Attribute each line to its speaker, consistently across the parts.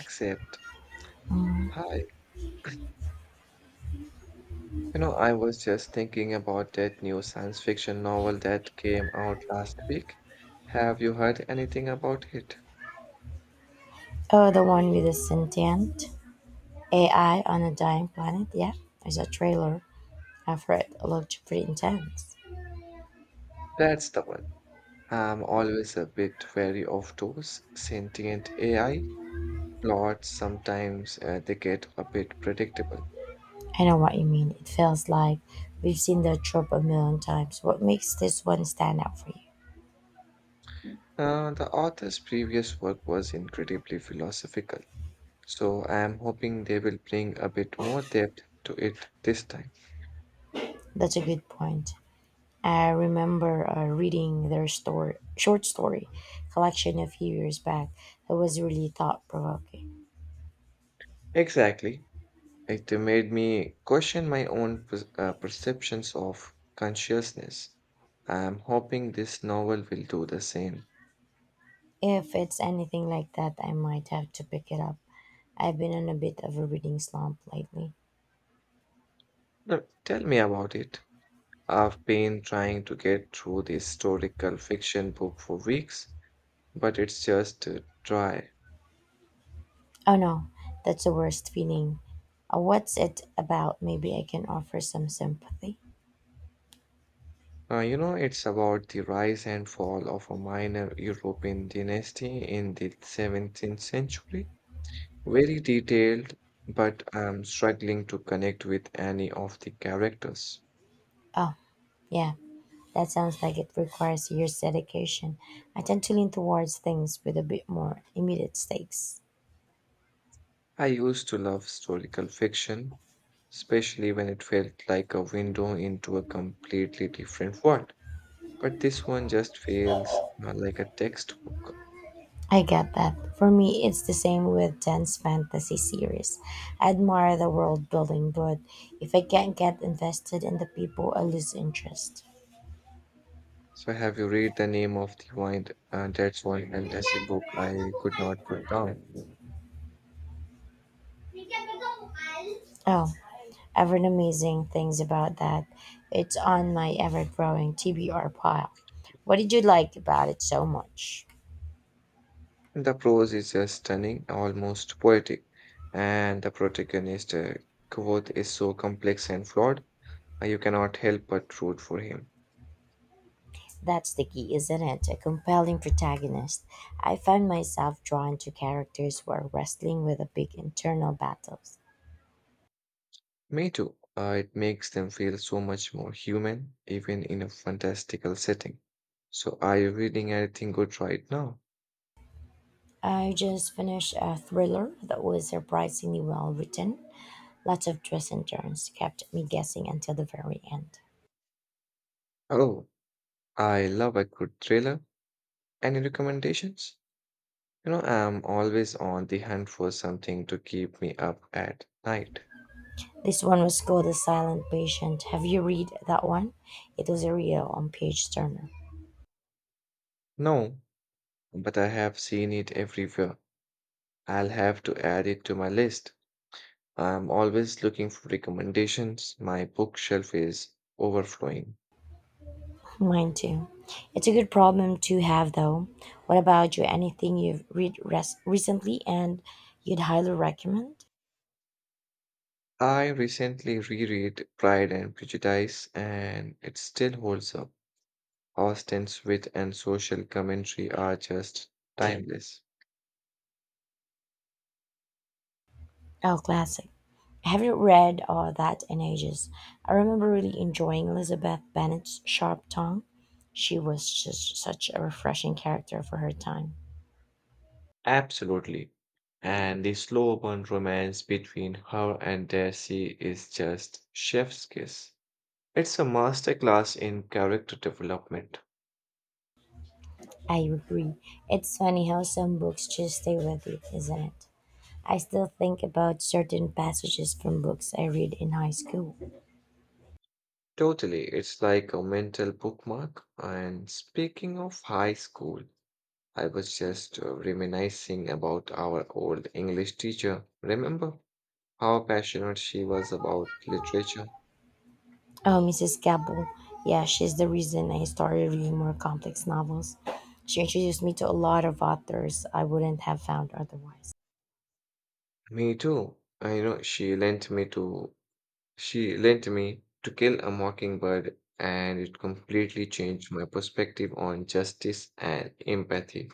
Speaker 1: Except, hi, you know, I was just thinking about that new science fiction novel that came out last week. Have you heard anything about it?
Speaker 2: Oh, the one with the sentient AI on a dying planet? Yeah, there's a trailer. I've heard it looked pretty intense.
Speaker 1: That's the one. I'm always a bit wary of those sentient AI plots. Sometimes they get a bit predictable.
Speaker 2: I know what you mean. It feels like we've seen the trope a million times. What makes this one stand out for you?
Speaker 1: The author's previous work was incredibly philosophical, so I am hoping they will bring a bit more depth to it this time.
Speaker 2: That's a good point. I remember reading their story, short story collection a few years back that was really thought provoking.
Speaker 1: Exactly. It made me question my own perceptions of consciousness. I'm hoping this novel will do the same.
Speaker 2: If it's anything like that, I might have to pick it up. I've been on a bit of a reading slump lately.
Speaker 1: Now, tell me about it. I've been trying to get through the historical fiction book for weeks, but it's just dry.
Speaker 2: Oh no, that's the worst feeling. What's it about? Maybe I can offer some sympathy.
Speaker 1: You know, it's about the rise and fall of a minor European dynasty in the 17th century. Very detailed, but I'm struggling to connect with any of the characters.
Speaker 2: Oh, yeah, that sounds like it requires years dedication. I tend to lean towards things with a bit more immediate stakes.
Speaker 1: I used to love historical fiction, especially when it felt like a window into a completely different world. But this one just feels like a textbook.
Speaker 2: I get that. For me, it's the same with dense fantasy series. I admire the world building, but if I can't get invested in the people, I lose interest.
Speaker 1: So, have you read the name of the wind? That's one fantasy book I could not put down.
Speaker 2: Oh, ever amazing things about that. It's on my ever growing TBR pile. What did you like about it so much?
Speaker 1: The prose is just stunning, almost poetic, and the protagonist, Kvothe, is so complex and flawed, you cannot help but root for him.
Speaker 2: That's the key, isn't it? A compelling protagonist. I found myself drawn to characters who are wrestling with a big internal battles.
Speaker 1: Me too. It makes them feel so much more human, even in a fantastical setting. So, are you reading anything good right now?
Speaker 2: I just finished a thriller that was surprisingly well written. Lots of twists and turns kept me guessing until the very end.
Speaker 1: Oh, I love a good thriller. Any recommendations? You know, I'm always on the hunt for something to keep me up at night.
Speaker 2: This one was called The Silent Patient. Have you read that one? It was a real on page turner.
Speaker 1: No, but I have seen it everywhere. I'll have to add it to my list. I'm always looking for recommendations. My bookshelf is overflowing.
Speaker 2: Mine too. It's a good problem to have though. What about you? Anything you've read recently and you'd highly recommend?
Speaker 1: I recently reread Pride and Prejudice, and it still holds up. Austen's wit and social commentary are just timeless.
Speaker 2: Oh, classic. I haven't read all that in ages. I remember really enjoying Elizabeth Bennet's sharp tongue. She was just such a refreshing character for her time.
Speaker 1: Absolutely. And the slow burn romance between her and Darcy is just chef's kiss. It's a masterclass in character development.
Speaker 2: I agree. It's funny how some books just stay with you, isn't it? I still think about certain passages from books I read in high school.
Speaker 1: Totally, it's like a mental bookmark. And speaking of high school, I was just reminiscing about our old English teacher. Remember how passionate she was about literature?
Speaker 2: Oh, Mrs. Gabel. Yeah, she's the reason I started reading more complex novels. She introduced me to a lot of authors I wouldn't have found otherwise.
Speaker 1: Me too. I know she lent me to kill a mockingbird and it completely changed my perspective on justice and empathy.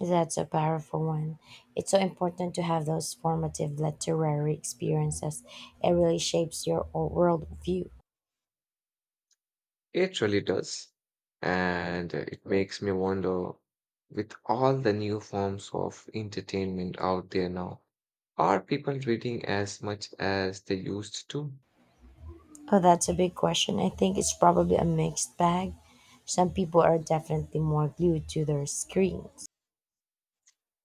Speaker 2: That's a powerful one. It's so important to have those formative literary experiences. It really shapes your worldview.
Speaker 1: It really does. And it makes me wonder, with all the new forms of entertainment out there now, are people reading as much as they used to?
Speaker 2: Oh, that's a big question. I think it's probably a mixed bag. Some people are definitely more glued to their screens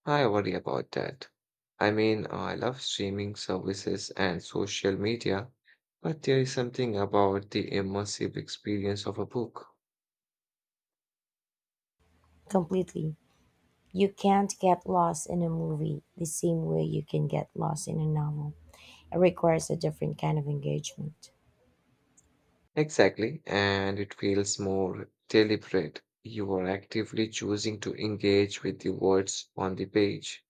Speaker 1: I worry about that. I mean, I love streaming services and social media, but there is something about the immersive experience of a book.
Speaker 2: completely. You can't get lost in a movie the same way you can get lost in a novel. It requires a different kind of engagement.
Speaker 1: Exactly, and it feels more deliberate. You are actively choosing to engage with the words on the page.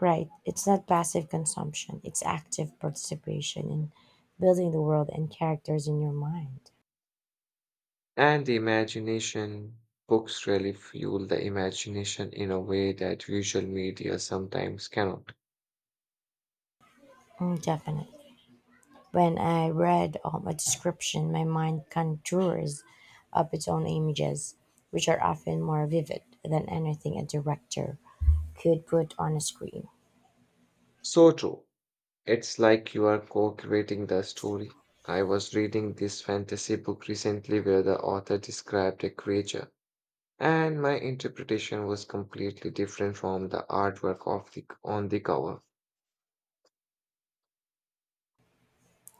Speaker 2: Right. It's not passive consumption, it's active participation in building the world and characters in your mind.
Speaker 1: And the imagination, books really fuel the imagination in a way that visual media sometimes cannot.
Speaker 2: Mm, definitely. When I read a description, my mind conjures up its own images, which are often more vivid than anything a director could put on a screen.
Speaker 1: So true. It's like you are co-creating the story. I was reading this fantasy book recently where the author described a creature, and my interpretation was completely different from the artwork of the on the cover.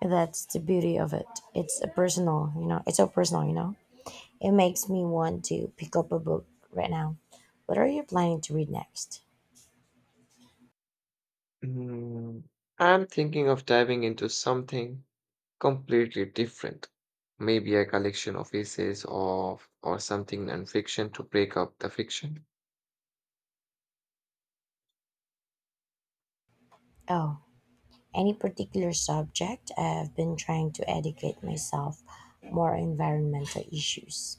Speaker 2: That's the beauty of it. It's a personal. It's so personal. It makes me want to pick up a book right now. What are you planning to read next?
Speaker 1: Hmm, I'm thinking of diving into something completely different. Maybe a collection of essays of or something nonfiction to break up the fiction.
Speaker 2: Oh, any particular subject? I've been trying to educate myself more on environmental issues.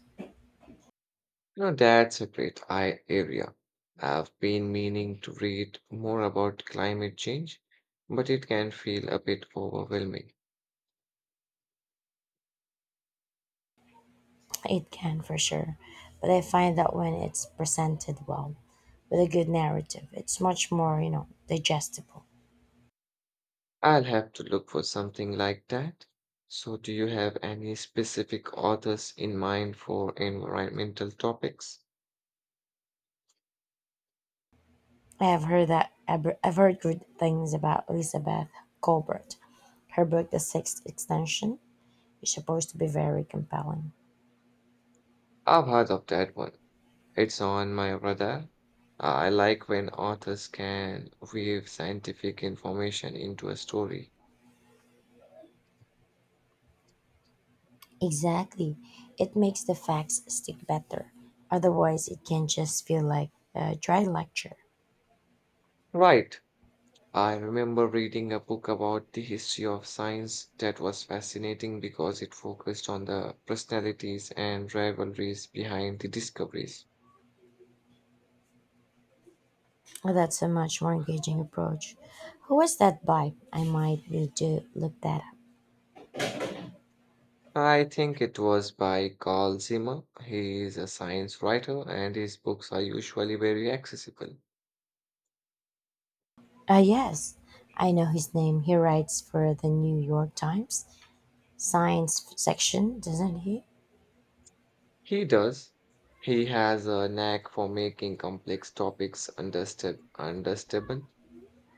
Speaker 1: No, that's a great eye area. I've been meaning to read more about climate change, but it can feel a bit overwhelming.
Speaker 2: It can for sure, but I find that when it's presented well with a good narrative, it's much more, digestible.
Speaker 1: I'll have to look for something like that. So, do you have any specific authors in mind for environmental topics?
Speaker 2: I have heard that I've heard good things about Elizabeth Colbert. Her book, The Sixth Extension, is supposed to be very compelling.
Speaker 1: I've heard of that one. It's on my radar. I like when authors can weave scientific information into a story.
Speaker 2: Exactly, it makes the facts stick better. Otherwise, it can just feel like a dry lecture.
Speaker 1: Right. I remember reading a book about the history of science that was fascinating because it focused on the personalities and rivalries behind the discoveries.
Speaker 2: Well, that's a much more engaging approach. Who was that by? I might need to look that up.
Speaker 1: I think it was by Carl Zimmer. He is a science writer and his books are usually very accessible.
Speaker 2: Ah, yes, I know his name. He writes for the New York Times science section, doesn't he?
Speaker 1: He does. He has a knack for making complex topics understandable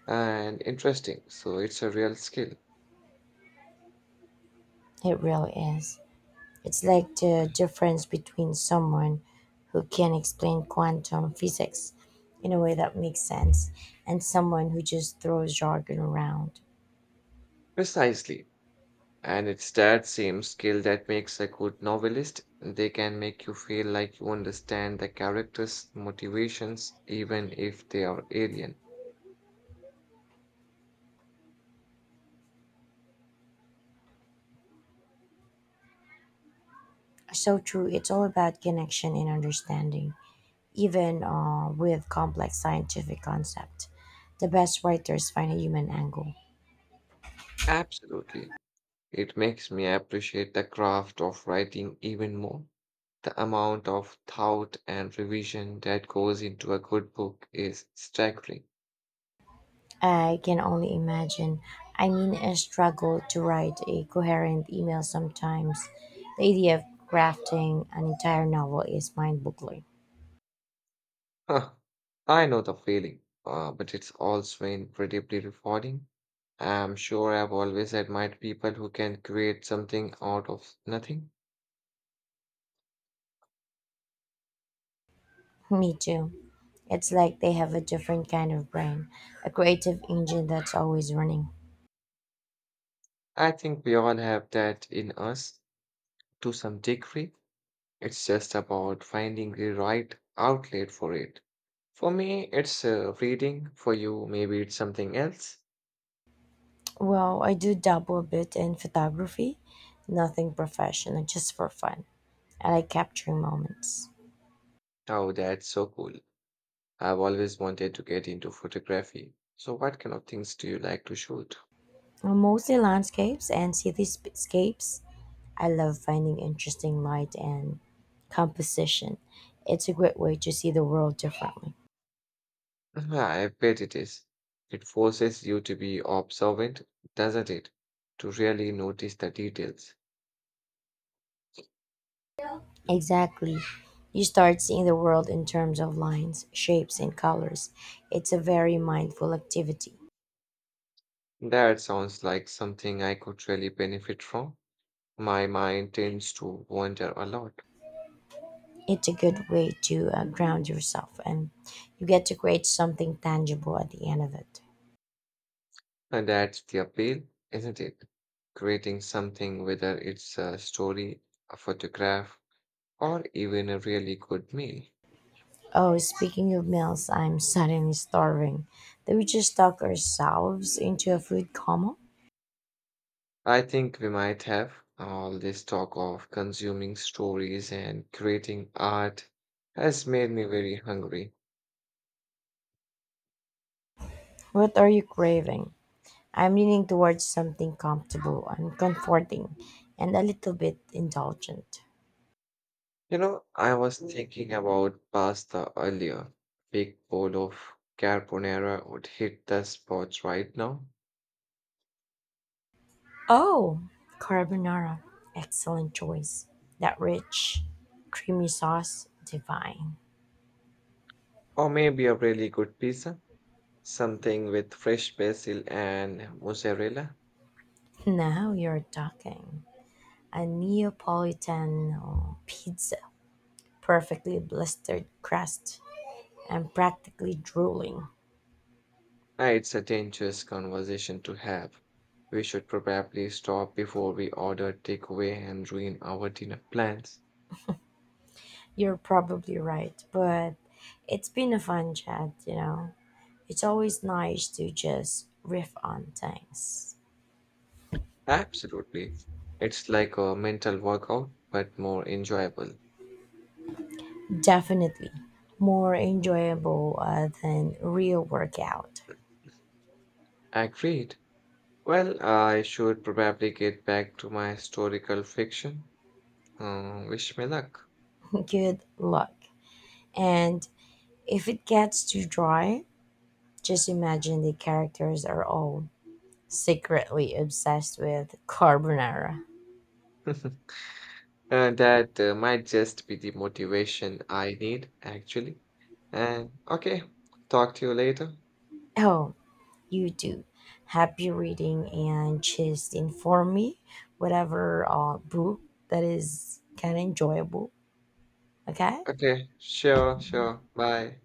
Speaker 1: and interesting, so it's a real skill.
Speaker 2: It really is. It's like the difference between someone who can explain quantum physics in a way that makes sense and someone who just throws jargon around.
Speaker 1: Precisely. And it's that same skill that makes a good novelist. They can make you feel like you understand the character's motivations, even if they are alien.
Speaker 2: So true, it's all about connection and understanding, even with complex scientific concepts. The best writers find a human angle.
Speaker 1: Absolutely. It makes me appreciate the craft of writing even more. The amount of thought and revision that goes into a good book is staggering.
Speaker 2: I can only imagine. I mean, I struggle to write a coherent email sometimes. The idea of crafting an entire novel is mind boggling.
Speaker 1: Huh, I know the feeling, but it's also incredibly rewarding. I'm sure I've always admired people who can create something out of nothing.
Speaker 2: Me too. It's like they have a different kind of brain, a creative engine that's always running.
Speaker 1: I think we all have that in us to some degree. It's just about finding the right outlet for it. For me, it's reading. For you, maybe it's something else.
Speaker 2: Well, I do dabble a bit in photography, nothing professional, just for fun. I like capturing moments.
Speaker 1: Oh, that's so cool. I've always wanted to get into photography. So, what kind of things do you like to shoot?
Speaker 2: Mostly landscapes and cityscapes. I love finding interesting light and composition. It's a great way to see the world differently.
Speaker 1: Yeah, I bet it is. It forces you to be observant, doesn't it? To really notice the details.
Speaker 2: Exactly. You start seeing the world in terms of lines, shapes, and colors. It's a very mindful activity.
Speaker 1: That sounds like something I could really benefit from. My mind tends to wander a lot.
Speaker 2: It's a good way to ground yourself, and you get to create something tangible at the end of it.
Speaker 1: And that's the appeal, isn't it? Creating something, whether it's a story, a photograph, or even a really good meal.
Speaker 2: Oh, speaking of meals, I'm suddenly starving. Did we just talk ourselves into a food coma?
Speaker 1: I think we might have, all this talk of consuming stories and creating art has made me very hungry.
Speaker 2: What are you craving? I'm leaning towards something comfortable and comforting and a little bit indulgent.
Speaker 1: You know, I was thinking about pasta earlier. Big bowl of carbonara would hit the spot right now.
Speaker 2: Oh, carbonara. Excellent choice. That rich, creamy sauce, divine.
Speaker 1: Or maybe a really good pizza. Something with fresh basil and mozzarella.
Speaker 2: Now you're talking. A Neapolitan pizza, perfectly blistered crust. I'm practically drooling.
Speaker 1: Ah, it's a dangerous conversation to have. We should probably stop before we order takeaway and ruin our dinner plans.
Speaker 2: You're probably right, but it's been a fun chat. It's always nice to just riff on things.
Speaker 1: Absolutely. It's like a mental workout, but more enjoyable.
Speaker 2: Definitely more enjoyable than real workout.
Speaker 1: Agreed. Well, I should probably get back to my historical fiction. Wish me luck.
Speaker 2: Good luck. And if it gets too dry, just imagine the characters are all secretly obsessed with carbonara.
Speaker 1: That might just be the motivation I need, actually. And okay, talk to you later.
Speaker 2: Oh, you do. Happy reading and just inform me whatever book that is kind of enjoyable. Okay?
Speaker 1: Okay, sure, sure. Bye.